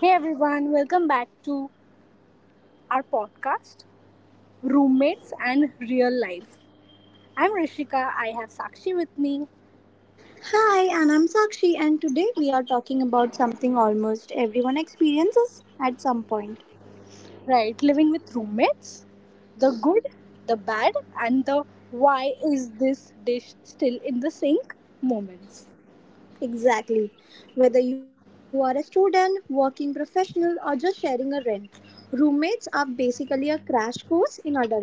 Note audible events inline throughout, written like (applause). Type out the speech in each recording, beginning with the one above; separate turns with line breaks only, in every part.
Hey everyone, welcome back to our podcast, Roommates and Real Life. I'm Rishika, I have Sakshi with me.
Hi, and I'm Sakshi, and today we are talking about something almost everyone experiences at some point.
Right, living with roommates, the good, the bad, and the why is this dish still in the sink moments.
Exactly. Whether you are a student, working professional, or just sharing a rent, roommates are basically a crash course in adulting.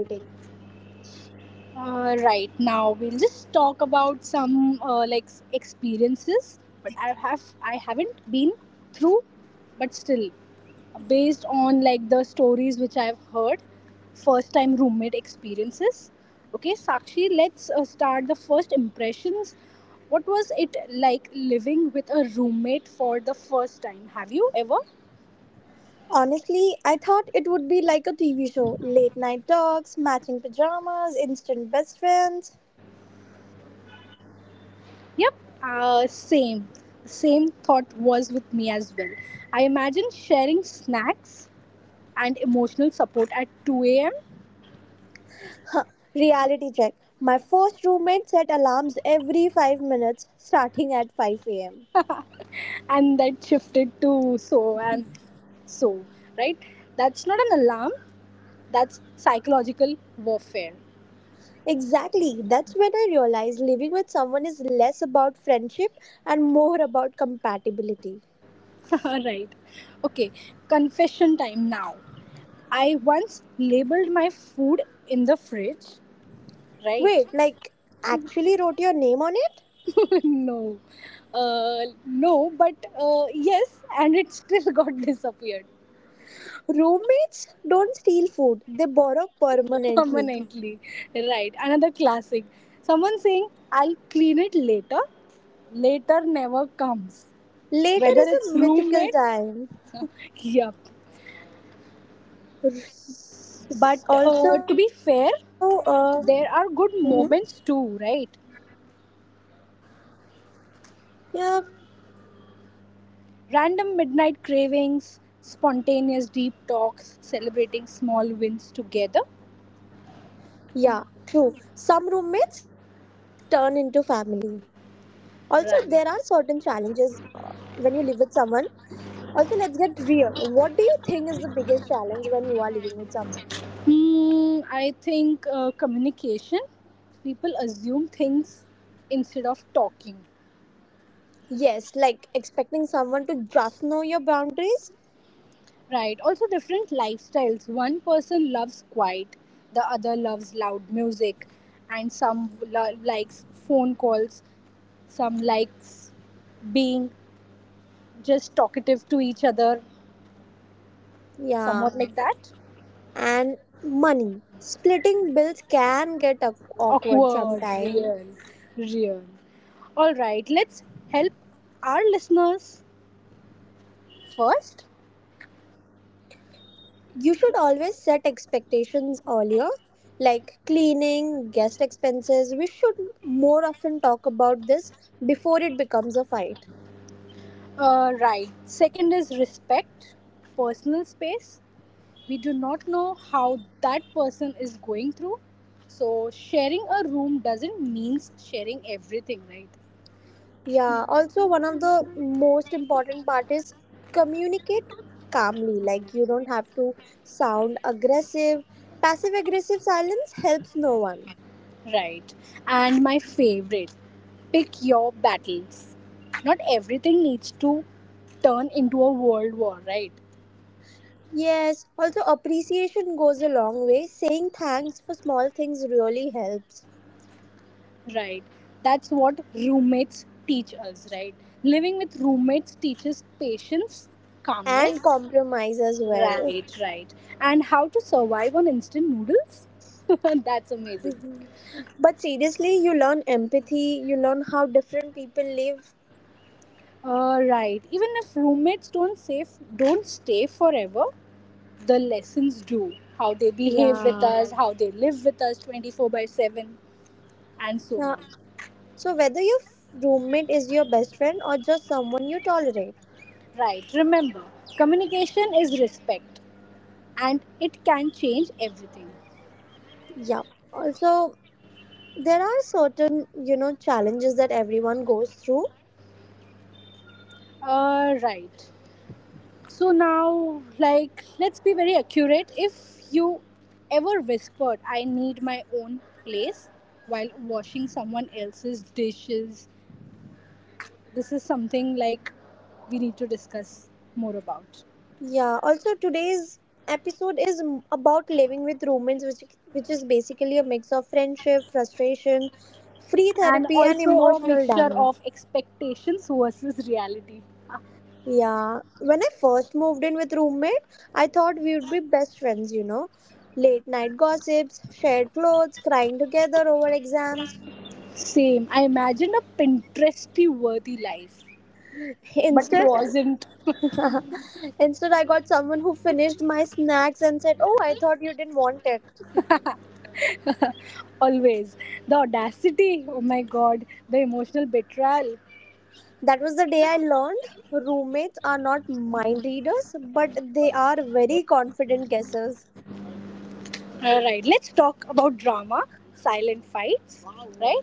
Right now, we'll just talk about some like experiences. But I haven't been through, but still, based on like the stories which I've heard, first time roommate experiences. Okay, Sakshi, let's start the first impressions. What was it like living with a roommate for the first time? Have you ever?
Honestly, I thought it would be like a TV show late night talks, matching pajamas, instant best friends.
Yep, same. Same thought was with me as well. I imagine sharing snacks, and emotional support at 2 a.m.
Reality check. My first roommate set alarms every 5 minutes starting at 5 am.
And that shifted to so and so, right? That's not an alarm, that's psychological warfare.
Exactly. That's when I realized living with someone is less about friendship and more about compatibility.
(laughs) Right. Okay, confession time now. I once labeled my food in the fridge, right?
Wait, like, actually wrote your name on it?
(laughs) No. No, but yes, and it still got (laughs) disappeared.
Roommates don't steal food, they borrow
(laughs)
permanently.
Permanently. Right. Another classic. Someone saying, I'll clean it later. Later never comes.
Later
Whether
is a
it's
mythical
roommate.
time.
(laughs) Yup.
R-
But
Also,
to be
uh,
fair,
mhm,
there are good moments too, right?
yeah,
Random midnight cravings, spontaneous deep talks, celebrating small wins together.
yeah, true. Some roommates turn into family. Also, there are certain
Right.
challenges uh, when you live with someone. Also, let's get real. What do you think is the biggest challenge when you are living with someone?
Hmm, I think communication. People assume things instead of talking.
Yes, like expecting someone to just know your boundaries.
Right. Also, different lifestyles. One person loves quiet, the other loves loud music, and some likes phone calls, some likes being just talkative to each other,
Yeah,
somewhat like that.
and money. Splitting bills can get awkward
Awkward,
sometimes.
real, real. All right, let's help our listeners first.
You should always set expectations earlier, like cleaning, guest expenses. We should more often talk about this before it becomes a fight.
Right. Second is respect, personal space. We do not know how that person is going through, so sharing a room doesn't means sharing everything, right?
Yeah, also one of the most important part is communicate calmly. Like you don't have to sound aggressive. Passive aggressive silence helps no one.
Right, and my favorite, pick your battles. Not everything needs to turn into a world war, right?
Yes, also appreciation goes a long way. Saying thanks for small things really helps
Right, that's what roommates teach us, right? Living with roommates teaches patience,
and
calmness.
compromise as well.
Right, right. And how to survive on instant noodles. (laughs) That's amazing.
But seriously, you learn empathy, you learn how different people live.
Right. Even if roommates don't stay forever, the lessons do. How they behave with
Yeah.
us, how they live with us 24 by 7, and so
Yeah.
on.
So whether your roommate is your best friend or just someone you tolerate.
Right. Remember, communication is respect and it can change everything.
Yeah. Also, there are certain, you know, challenges that everyone goes through.
Right. So now, like, let's be very accurate. If you ever whispered, I need my own place while washing someone else's dishes, this is something like we need to discuss more about.
Yeah. Also, today's episode is about living with roommates, which is basically a mix of friendship, frustration, free
And
therapy, and
also a
emotional
mixture
damage.
of expectations versus reality.
Yeah. When I first moved in with roommate, I thought we would be best friends, you know. Late night gossips, shared clothes, crying together over exams.
Same. I imagined a Pinteresty worthy life,
(laughs)
but it
Instead,
wasn't
Instead, I got someone who finished my snacks and said, "Oh, I thought you didn't want it."
always. The audacity, oh my god, the emotional betrayal.
That was the day I learned roommates are not mind readers, but they are very confident guessers.
Alright, let's talk about drama, silent fights, right?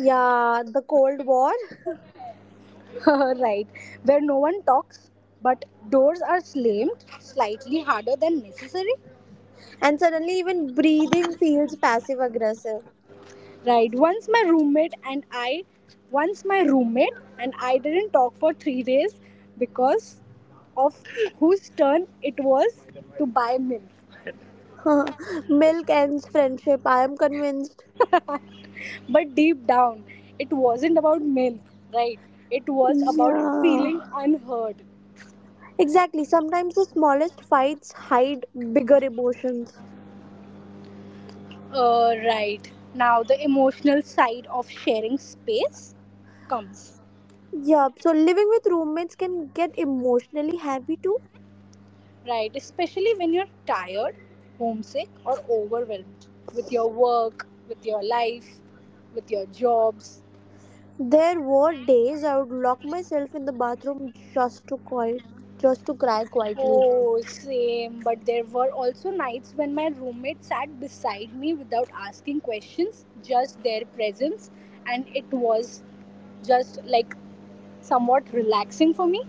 Yeah, the Cold War.
(laughs) Right, where no one talks but doors are slammed slightly harder than necessary.
And suddenly, even breathing feels passive aggressive.
Right. Once my roommate and I didn't talk for 3 days because of whose turn it was to buy milk.
(laughs) Milk ends friendship, I am convinced.
But deep down, it wasn't about milk, right? It was about
Yeah.
feeling unheard.
Exactly. Sometimes the smallest fights hide bigger emotions.
Right. Now, the emotional side of sharing space comes.
Yeah, so living with roommates can get emotionally heavy too.
Right, especially when you're tired, homesick, or overwhelmed with your work, with your life, with your jobs.
There were days I would lock myself in the bathroom just to quiet, just to cry quietly.
Oh, same. But there were also nights when my roommate sat beside me without asking questions, just their presence, and it was just like somewhat relaxing for me.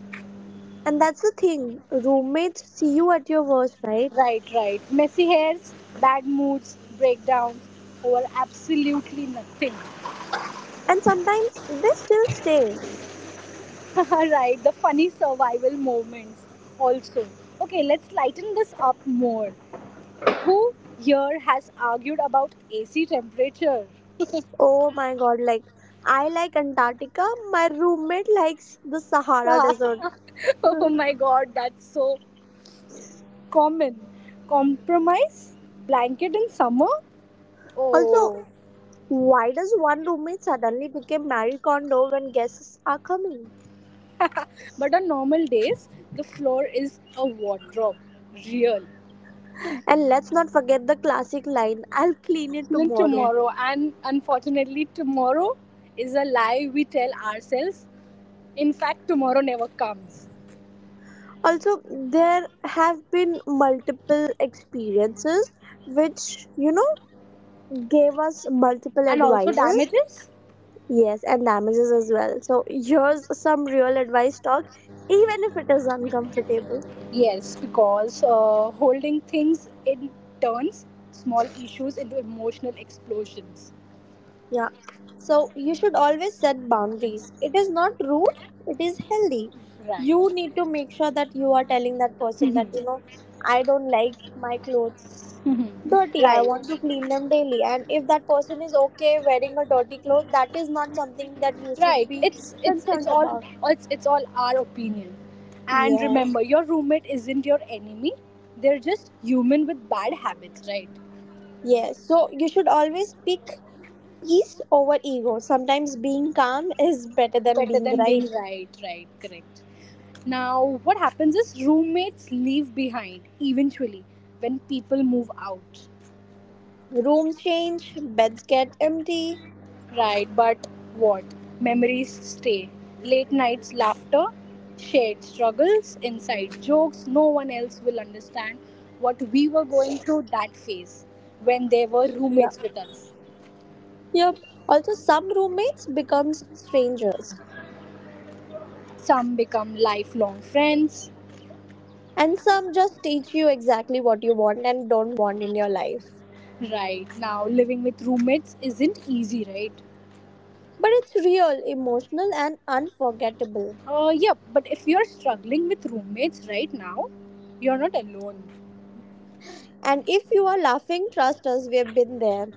And that's the thing, roommates see you at your worst, right?
Right, right. Messy hairs, bad moods, breakdowns over absolutely nothing.
And sometimes they still stay.
(laughs) Right, the funny survival moments also. Okay, let's lighten this up more. Who here has argued about AC temperature?
Oh my god, like, I like Antarctica, my roommate likes the Sahara desert.
(laughs) Oh
(laughs)
my god, that's so common. Compromise? Blanket in summer?
Also,
Oh.
why does one roommate suddenly become Marie Kondo when guests are coming?
But on normal days, the floor is a wardrobe. Real.
And let's not forget the classic line, "I'll clean it
Even
tomorrow."
tomorrow, and unfortunately, tomorrow is a lie we tell ourselves. In fact, tomorrow never comes.
Also, there have been multiple experiences which, you know, gave us multiple
And also
advices.
damages,
Yes, and damages as well. So here's some real advice: talk, even if it is uncomfortable.
yes, because holding things in turns small issues into emotional explosions,
Yeah. So you should always set boundaries. It is not rude, it is healthy. You
right?
need to make sure that you are telling that person
(laughs)
that, you know, I don't like my clothes dirty. I
Right,
want to clean them daily. And if that person is okay wearing a dirty cloth, that is not something that you should
right,
be
it's it's
concerned
it's all
about.
it's all our opinion. And
Yes.
remember, your roommate isn't your enemy, they're just human with bad habits, right?
Yes. So you should always pick peace over ego. Sometimes being calm is better than
Better
being
than being
right.
right, right, correct. Now what happens is roommates leave behind eventually when people move out.
Room change, beds get empty.
Right, but what? Memories stay. Late nights, laughter, shared struggles, inside jokes. No one else will understand what we were going through that phase when they were roommates with us.
Yep. Also, some roommates becomes strangers,
Some become lifelong friends.
and some just teach you exactly what you want and don't want in your life.
Right now, living with roommates isn't easy, right?
But it's real, emotional, and unforgettable.
Yeah, but if you're struggling with roommates right now, you're not alone.
And if you are laughing, trust us, we have been there.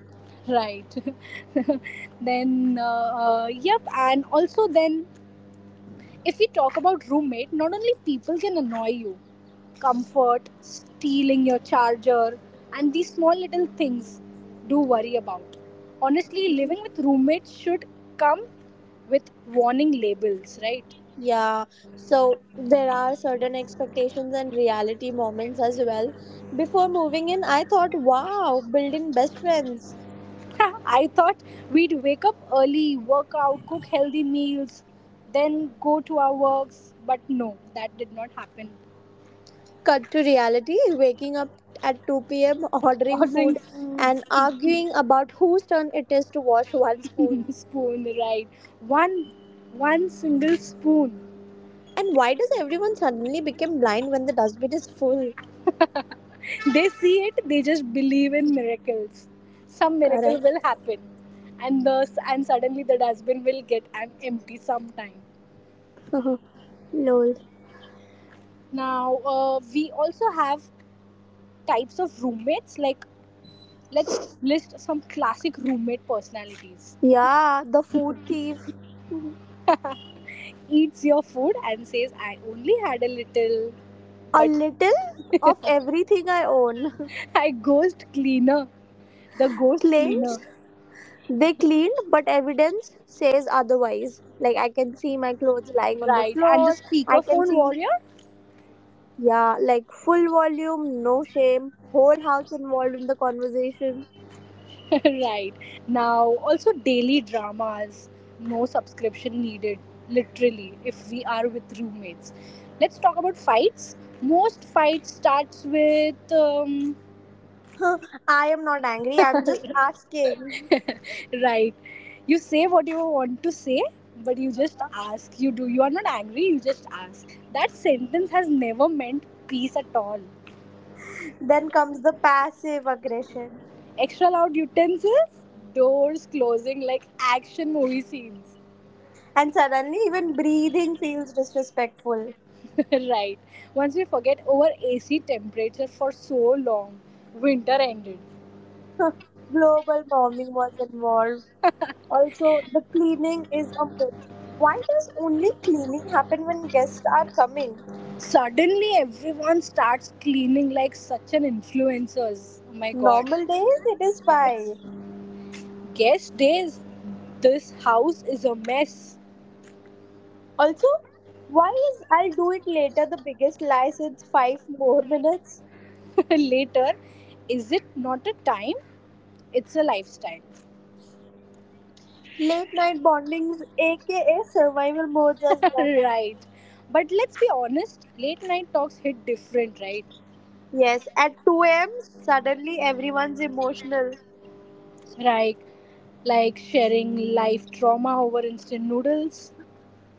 Right. (laughs) Then, yep, and also then, if we talk about roommate, not only people can annoy you, comfort, stealing your charger, and these small little things do worry about. Honestly, living with roommates should come with warning labels, right?
Yeah. So there are certain expectations and reality moments as well. Before moving in, I thought, wow, build in best friends.
(laughs) I thought we'd wake up early, work out, cook healthy meals, then go to our works, but no, that did not happen.
Cut to reality: waking up at 2 p.m., ordering
Ordering
food,
foods,
and arguing about whose turn it is to wash one
(laughs)
spoon.
spoon, right? One, one single spoon.
And why does everyone suddenly become blind when the dustbin is full?
They see it, they just believe in miracles. Some miracle
Correct.
will happen. And thus and suddenly the dustbin will get empty sometime.
(laughs) Lol.
Now we also have types of roommates. Like, let's list some classic roommate personalities.
Yeah, the food thief.
Eats your food and says I only had a little,
A
but
little of everything I own. (laughs)
(laughs) I ghost cleaner. The ghost cleaner.
Claims they cleaned, but evidence says otherwise. Like, I can see my clothes lying on the
Right. And the
floor. I can
speakerphone
see.
warrior.
Yeah, like full volume, no shame, whole house involved in the conversation.
(laughs) Right. Now, also daily dramas, no subscription needed, literally, if we are with roommates. Let's talk about fights. Most fights starts with
(laughs) I am not angry, I'm just asking.
right. You say what you want to say, but you just ask. You do. You are not angry. You just ask. That sentence has never meant peace at all.
Then comes the passive aggression.
Extra loud utensils, doors closing like action movie scenes.
And suddenly, even breathing feels disrespectful.
(laughs) Right. Once we forget our AC temperature for so long, winter ended.
Global warming was involved. Also, the cleaning is a myth. Why does only cleaning happen when guests are coming?
Suddenly, everyone starts cleaning like such an influencers. Oh my god.
Normal days, it is fine.
Guess days, this house is a mess.
Also, why is "I'll do it later" the biggest lie since "five more minutes"?
(laughs) Later, is it not a time? It's a lifestyle.
Late night bondings, aka survival modes as
(laughs)
well.
Right. But let's be honest, late night talks hit different, right?
Yes, at 2 a.m., suddenly everyone's emotional,
Like like sharing life trauma over instant noodles,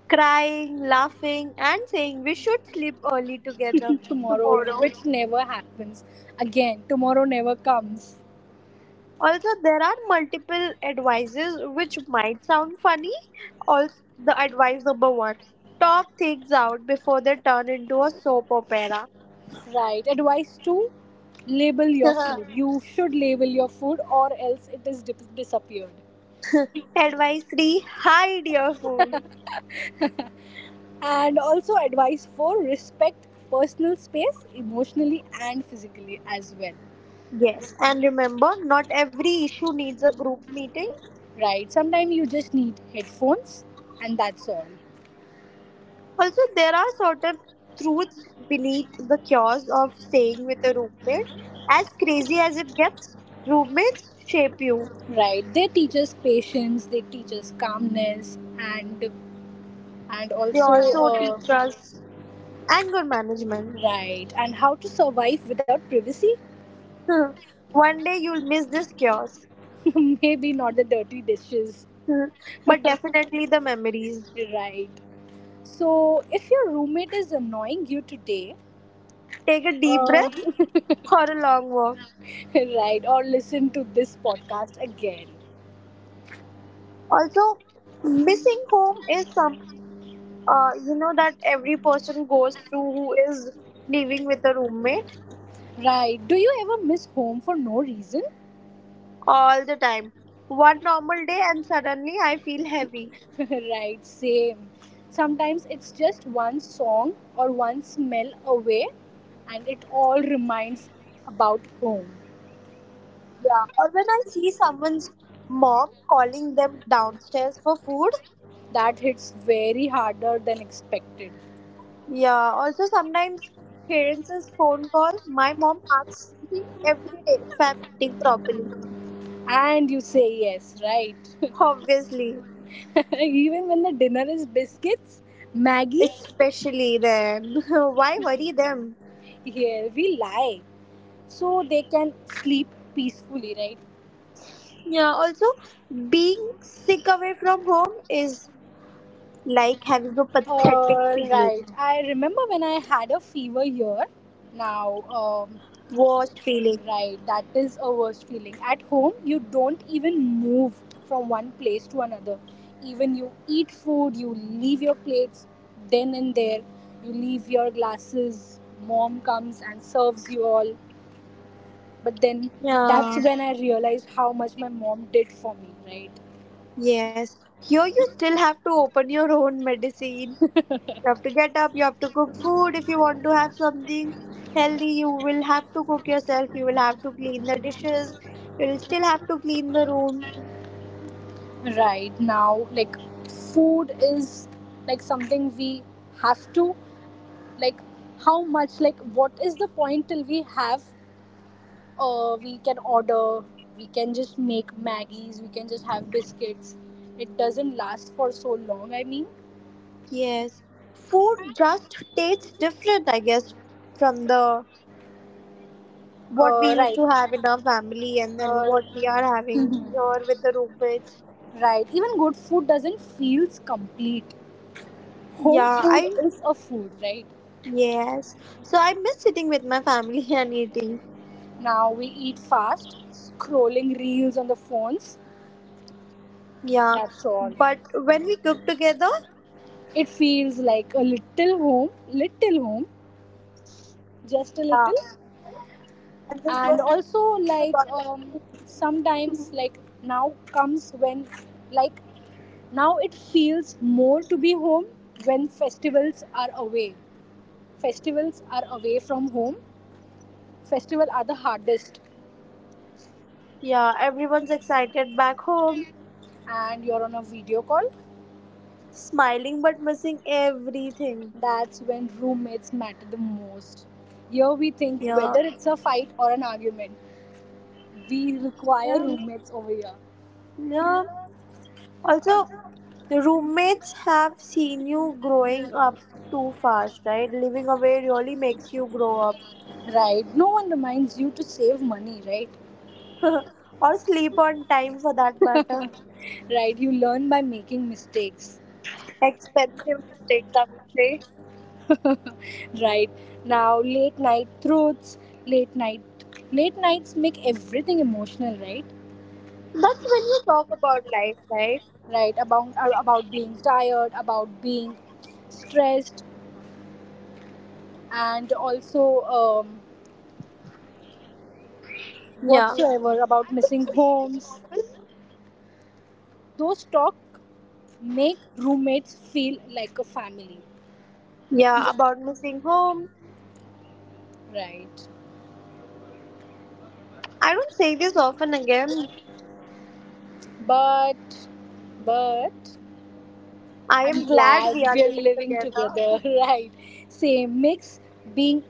crying, laughing, and saying we should sleep early together
(laughs) tomorrow,
tomorrow.
which never happens. Again, tomorrow never comes.
Also, there are multiple advices which might sound funny. Also, the advice number one: talk things out before they turn into a soap opera.
Right. Advice two, label your food.
(laughs)
You should label your food or else it is disappeared.
Advice three: hide your food.
And also, advice four, respect personal space emotionally and physically as well.
Yes, and remember, not every issue needs a group meeting.
Right. Sometimes you just need headphones and that's all.
Also, there are sort of truths beneath the chaos of staying with a roommate. As crazy as it gets, roommates shape you.
Right. They teach us patience, they teach us calmness, and
They
also.
also teach us anger management.
Right. And how to survive without privacy?
(laughs) One day you'll miss this chaos,
(laughs) Maybe not the dirty dishes.
(laughs) but definitely the memories.
Right. So, if your roommate is annoying you today,
Take a deep
uh,
breath for a long walk.
(laughs) right, or listen to this podcast again.
Also, missing home is something, you know, that every person goes through who is living with a roommate.
Right. Do you ever miss home for no reason?
All the time. One normal day and suddenly I feel heavy.
(laughs) Right. Same. Sometimes it's just one song or one smell away, and it all reminds about home.
Yeah, or when I see someone's mom calling them downstairs for food.
That hits very harder than expected.
Yeah, also sometimes parents' phone call. My mom asks me every day if I'm eating properly.
And you say yes, right?
Obviously,
(laughs) Even when the dinner is biscuits, Maggie's,
especially then. (laughs) Why worry them?
yeah, we lie so they can sleep peacefully, right?
Yeah, also being sick away from home is like having a pathetic
All
feeling,
right. I remember when I had a fever here. Now,
worst feeling.
right, that is a worst feeling. At home, you don't even move from one place to another. Even you eat food, you leave your plates then and there. You leave your glasses. Mom comes and serves you all. But then that's
Yeah.
when I realized how much my mom did for me, right?
Yes. Here you still have to open your own medicine. You have to get up, you have to cook food. If you want to have something healthy, you will have to cook yourself. You will have to clean the dishes. You will still have to clean the room.
Right now, like, food is like something we have to, like, how much, like, what is the point till we have, we can order, we can just make Maggies, we can just have biscuits. It doesn't last for so long, I mean.
Yes. Food just tastes different, I guess, from the what we used
Right.
to have in our family and then
Uh,
what we are
(laughs)
having here with the roommates.
Right. Even good food doesn't feel complete. Home
Yeah,
food
I
is a food, right?
yes. So I miss sitting with my family (laughs) and eating.
Now we eat fast, scrolling reels on the phones.
Yeah,
That's all.
but when we cook together,
It feels like a little home, just a
yeah,
little.
and this was
And
about the
also,
food.
like, sometimes, like, now comes when, like, now it feels more to be home when festivals are away. Festivals are away from home. Festival are the hardest,
Yeah, everyone's excited back home,
and you're on a video call.
smiling but missing everything.
That's when roommates matter the most. Here we think
Yeah,
whether it's a fight or an argument. We require
yeah,
roommates over here.
yeah. Also, roommates have seen you growing up too fast, right? Living away really makes you grow up
Right? No one reminds you to save money, right?
or sleep on time for that matter.
Right? You learn by making mistakes.
Expensive mistakes, I would say.
(laughs) Right? Now, late night throats, late night. Late nights make everything emotional, right?
That's when you talk about life, right?
Right? About being tired, about being stressed, and also um,
Yeah.
whatsoever about
I would
missing
say this
homes.
often.
Those talks make roommates feel like a family.
Yeah, about missing home.
Right.
I don't say this often again.
But, but,
I
I'm
am glad
glad
we are
we're
living
living
together.
together. (laughs) Right. Same makes being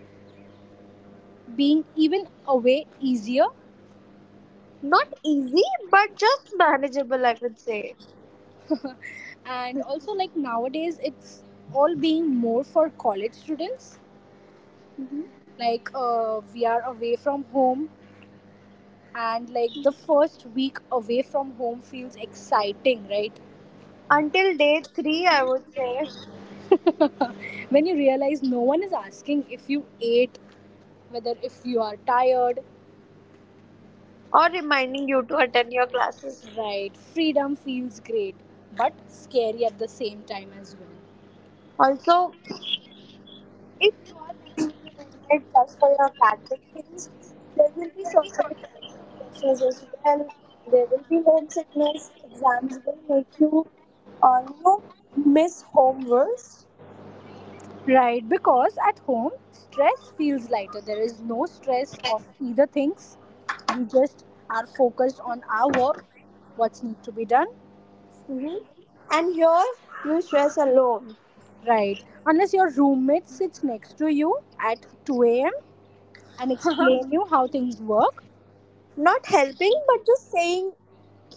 being even away easier.
Not easy, but just manageable, I would say.
And also, like nowadays, it's all being more for college students.
Mhm.
Like we are away from home, and like the first week away from home feels exciting, right?
Until day three, I would say,
When you realize no one is asking if you ate, whether if you are tired,
or reminding you to attend your classes.
right? Freedom feels great, but scary at the same time as well.
Also, if you are living with a roommate just for your academic things, there will be certain academic pressures as well. There will be homesickness. Exams will make you, you know, miss home worse.
Right, because at home, stress feels lighter. There is no stress of either things. We just are focused on our work, what's need to be done.
Mhm. And here you stress alone.
Right, unless your roommate sits next to you at 2 a.m. and explain you how things work.
Not helping, but just saying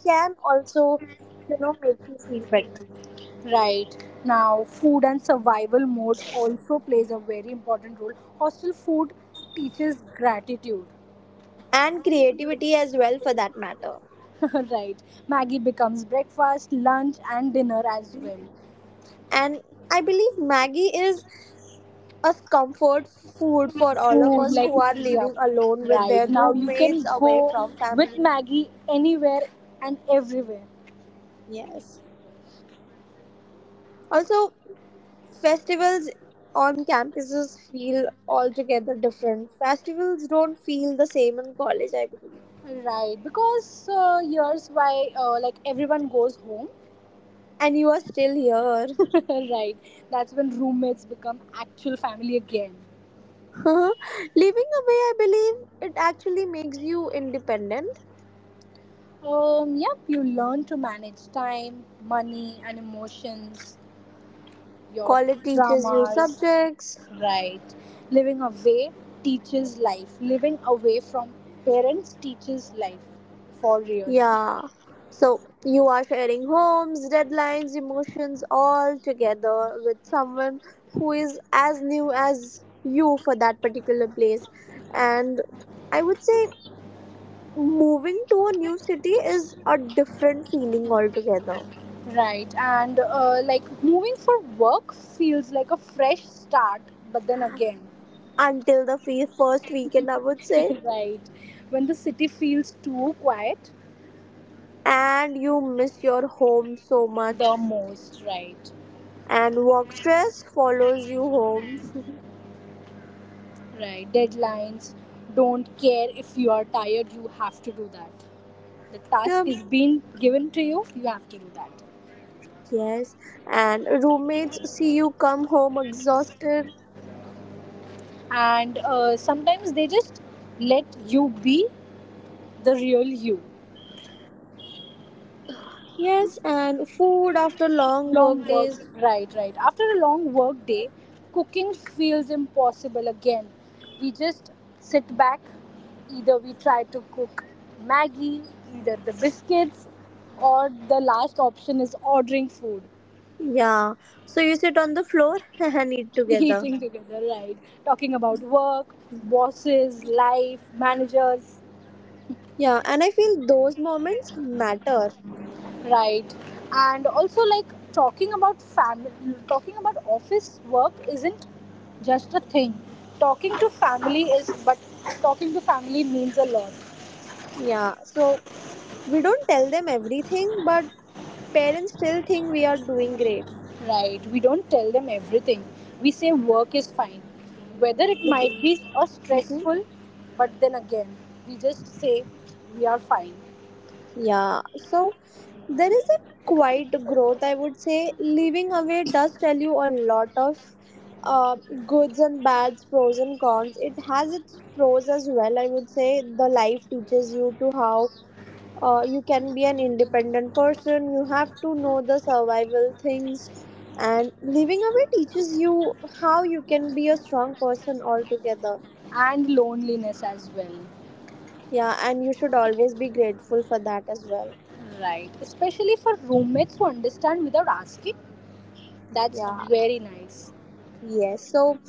can also, you know, make you feel better.
Right now, food and survival mode also plays a very important role. Hostel food teaches gratitude.
And creativity as well, for that matter.
(laughs) Right, Maggie becomes breakfast, lunch, and dinner as well.
And I believe Maggie is a comfort food for all of
Food,
us
like,
who are
yeah,
living alone with their
right now you
roommates
can
away
go
from
with
family.
Maggie anywhere and everywhere.
Yes. Also, festivals on campuses feel altogether different. Festivals don't feel the same in college, I believe.
Right, because here's why, like, everyone goes home.
And you are still here.
(laughs) Right, that's when roommates become actual family again.
Huh, living away, I believe it actually makes you independent.
Yep, you learn to manage time, money, and emotions, your
College teaches you
traumas,
subjects.
right? Living away teaches life. Living away from parents teaches life for real,
Yeah. So you are sharing homes, deadlines, emotions all together with someone who is as new as you for that particular place. And I would say moving to a new city is a different feeling altogether.
right? And like moving for work feels like a fresh start, but then again,
Until the first weekend, I would say.
(laughs) right? When the city feels too quiet,
And you miss your home so much
the most, right?
and work stress follows you home.
Right, deadlines don't care if you are tired, you have to do that. The task
Yep.
is being given to you, you have to do that.
Yes, and roommates see you come home exhausted.
And sometimes they just let you be the real you.
Yes, and food after long
Long
work
work,
days.
right, right after a long work day cooking feels impossible again. We just sit back, either we try to cook maggie, either the biscuits, or the last option is ordering food.
Yeah, so you sit on the floor (laughs) and eat together.
Eating together, right? Talking about work, bosses, life, managers,
Yeah, and I feel those moments matter.
right? And also, like, talking about family, talking about office work isn't just a thing. Talking to family is, but talking to family means a lot,
Yeah, so we don't tell them everything, but parents still think we are doing great.
right? We don't tell them everything. We say work is fine, whether it
Like,
might be a
hmm,
stressful, but then again, we just say we are fine,
yeah, so there is a quiet growth, I would say. Leaving away does tell you a lot of uh, goods and bads, pros and cons. It has its pros as well, I would say. The life teaches you to how you can be an independent person, you have to know the survival things. And leaving away teaches you how you can be a strong person altogether.
and loneliness as well.
Yeah, and you should always be grateful for that as well.
Right. Especially for roommates who understand without asking. That's
Yeah.
very nice.
Yes, so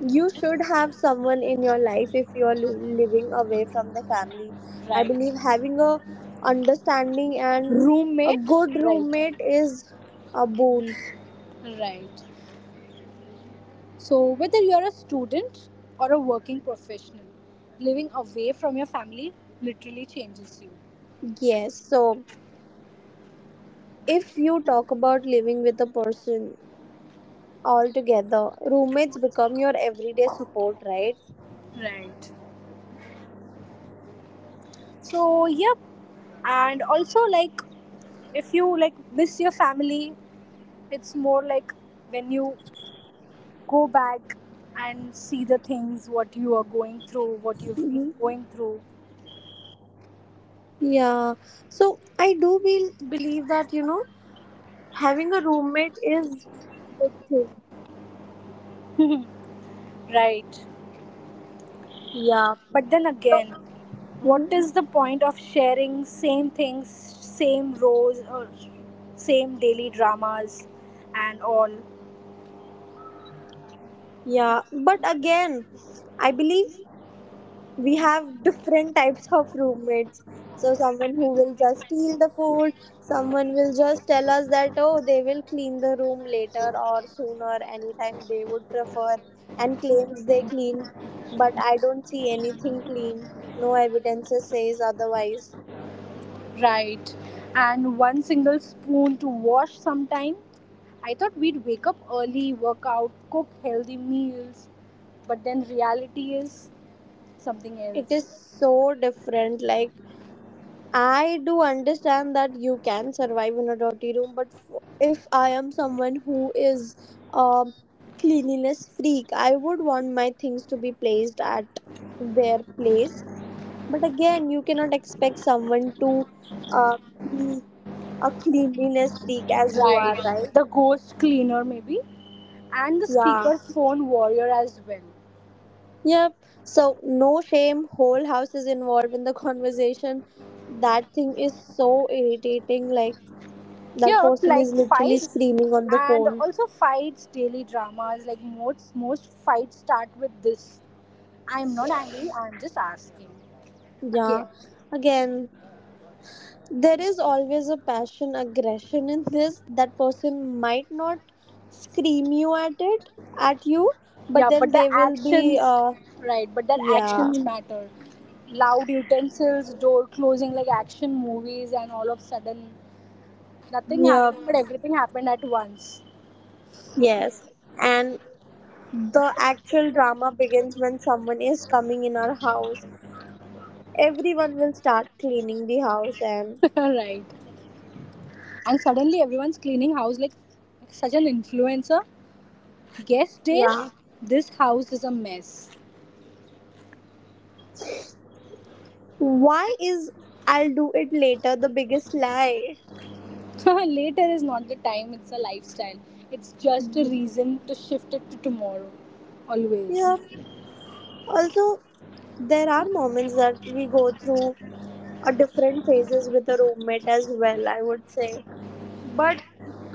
you should have someone in your life if you are living away from the family. I
Right.
believe having a understanding and a
Roommate.
good
Right.
roommate is a boon.
Right. So, whether you are a student or a working professional, living away from your family literally changes you.
Yes, so if you talk about living with a person altogether, roommates become your everyday support, right?
Right. So, yep. And also, like, if you like miss your family, it's more like when you go back and see the things what you are going through, what you've been
Hmm.
going through.
Yeah. So I do believe that, you know, having a roommate is a good thing.
(laughs) Right.
Yeah.
But then
So.
again, what is the point of sharing same things, same rows, or same daily dramas and all?
Yeah, but again, I believe we have different types of roommates. So, someone who will just steal the food, someone will just tell us that, oh, they will clean the room later or sooner, anytime they would prefer, and claims they clean. But I don't see anything clean. No evidence says otherwise.
Right. And one single spoon to wash sometime. I thought we'd wake up early, work out, cook healthy meals, but then reality is something
It is
else.
so different. Like, I do understand that you can survive in a dirty room, but if I am someone who is a cleanliness freak, I would want my things to be placed at their place. But again, you cannot expect someone to uh, be a cleanliness freak as you
Right.
are, right?
The ghost cleaner, maybe, and the
Yeah.
speaker phone warrior as well.
Yep. So, no shame. Whole house is involved in the (laughs) conversation. That thing is so irritating. Like, that
Yep,
person is
like
literally
fights,
screaming on the
and
phone.
also fights, daily dramas. Like most fights start with this. I'm not angry, I'm just asking.
Yeah.
Again.
Again, there is always a passion aggression in this. That person might not scream you at it at you, but
Yeah,
then
but the
they will be
actions, right, but their
yeah.
actions matter. Loud utensils, door closing like action movies, and all of sudden nothing
Yeah.
happened but everything happened at once.
Yes. And the actual drama begins when someone is coming in our house. Everyone will start cleaning the house and
(laughs) Right. And suddenly everyone's cleaning house like such an influencer. Guest days,
yeah.
this house is a mess.
Why is "I'll do it later" the biggest lie?
(laughs) Later is not the time, it's a lifestyle. It's just a reason to shift it to tomorrow, always.
Yeah. Also, there are moments that we go through a different phases with a roommate as well, I would say. But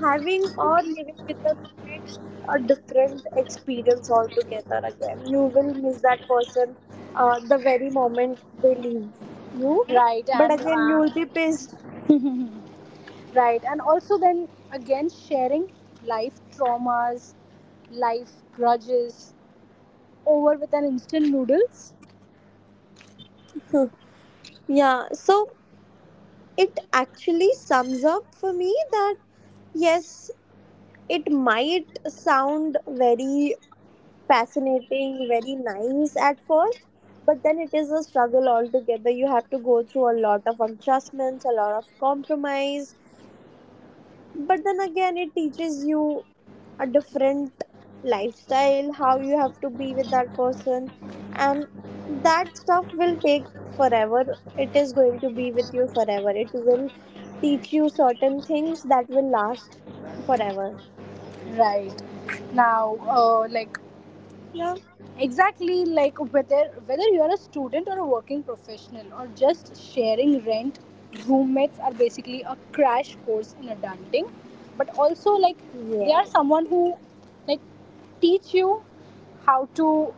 having or living with a roommate is a different experience altogether again. You will miss that person, the very moment they leave you.
Right,
But
and
again, you will be pissed.
right, and also then again sharing life traumas, life grudges over with an instant noodles.
Yeah, so it actually sums up for me that yes, it might sound very fascinating, very nice at first, but then it is a struggle altogether. You have to go through a lot of adjustments, a lot of compromise, but then again, it teaches you a different lifestyle, how you have to be with that person, and that stuff will take forever. It is going to be with you forever. It will teach you certain things that will last forever.
Right now, like
Yeah.
exactly, like whether you're a student or a working professional or just sharing rent, roommates are basically a crash course in adulting. But also, like, they are
Yes.
someone who, like, teach you how to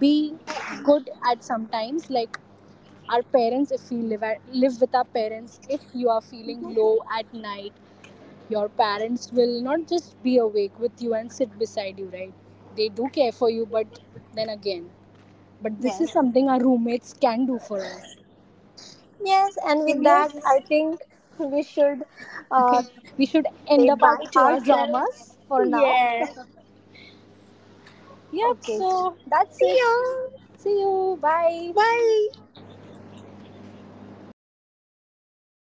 be good at sometimes, like, our parents. If we live with our parents, if you are feeling low at night, your parents will not just be awake with you and sit beside you, right? They do care for you, but then again, but this is
Yes.
something our roommates can do for us.
Yes, and
So,
with that,
yes,
I think we should, uh,
we should
say
end up at
bye to
our
ourselves.
dramas for now.
Yeah.
Yep,
Okay.
so that's
See
it.
you.
See you. Bye.
Bye.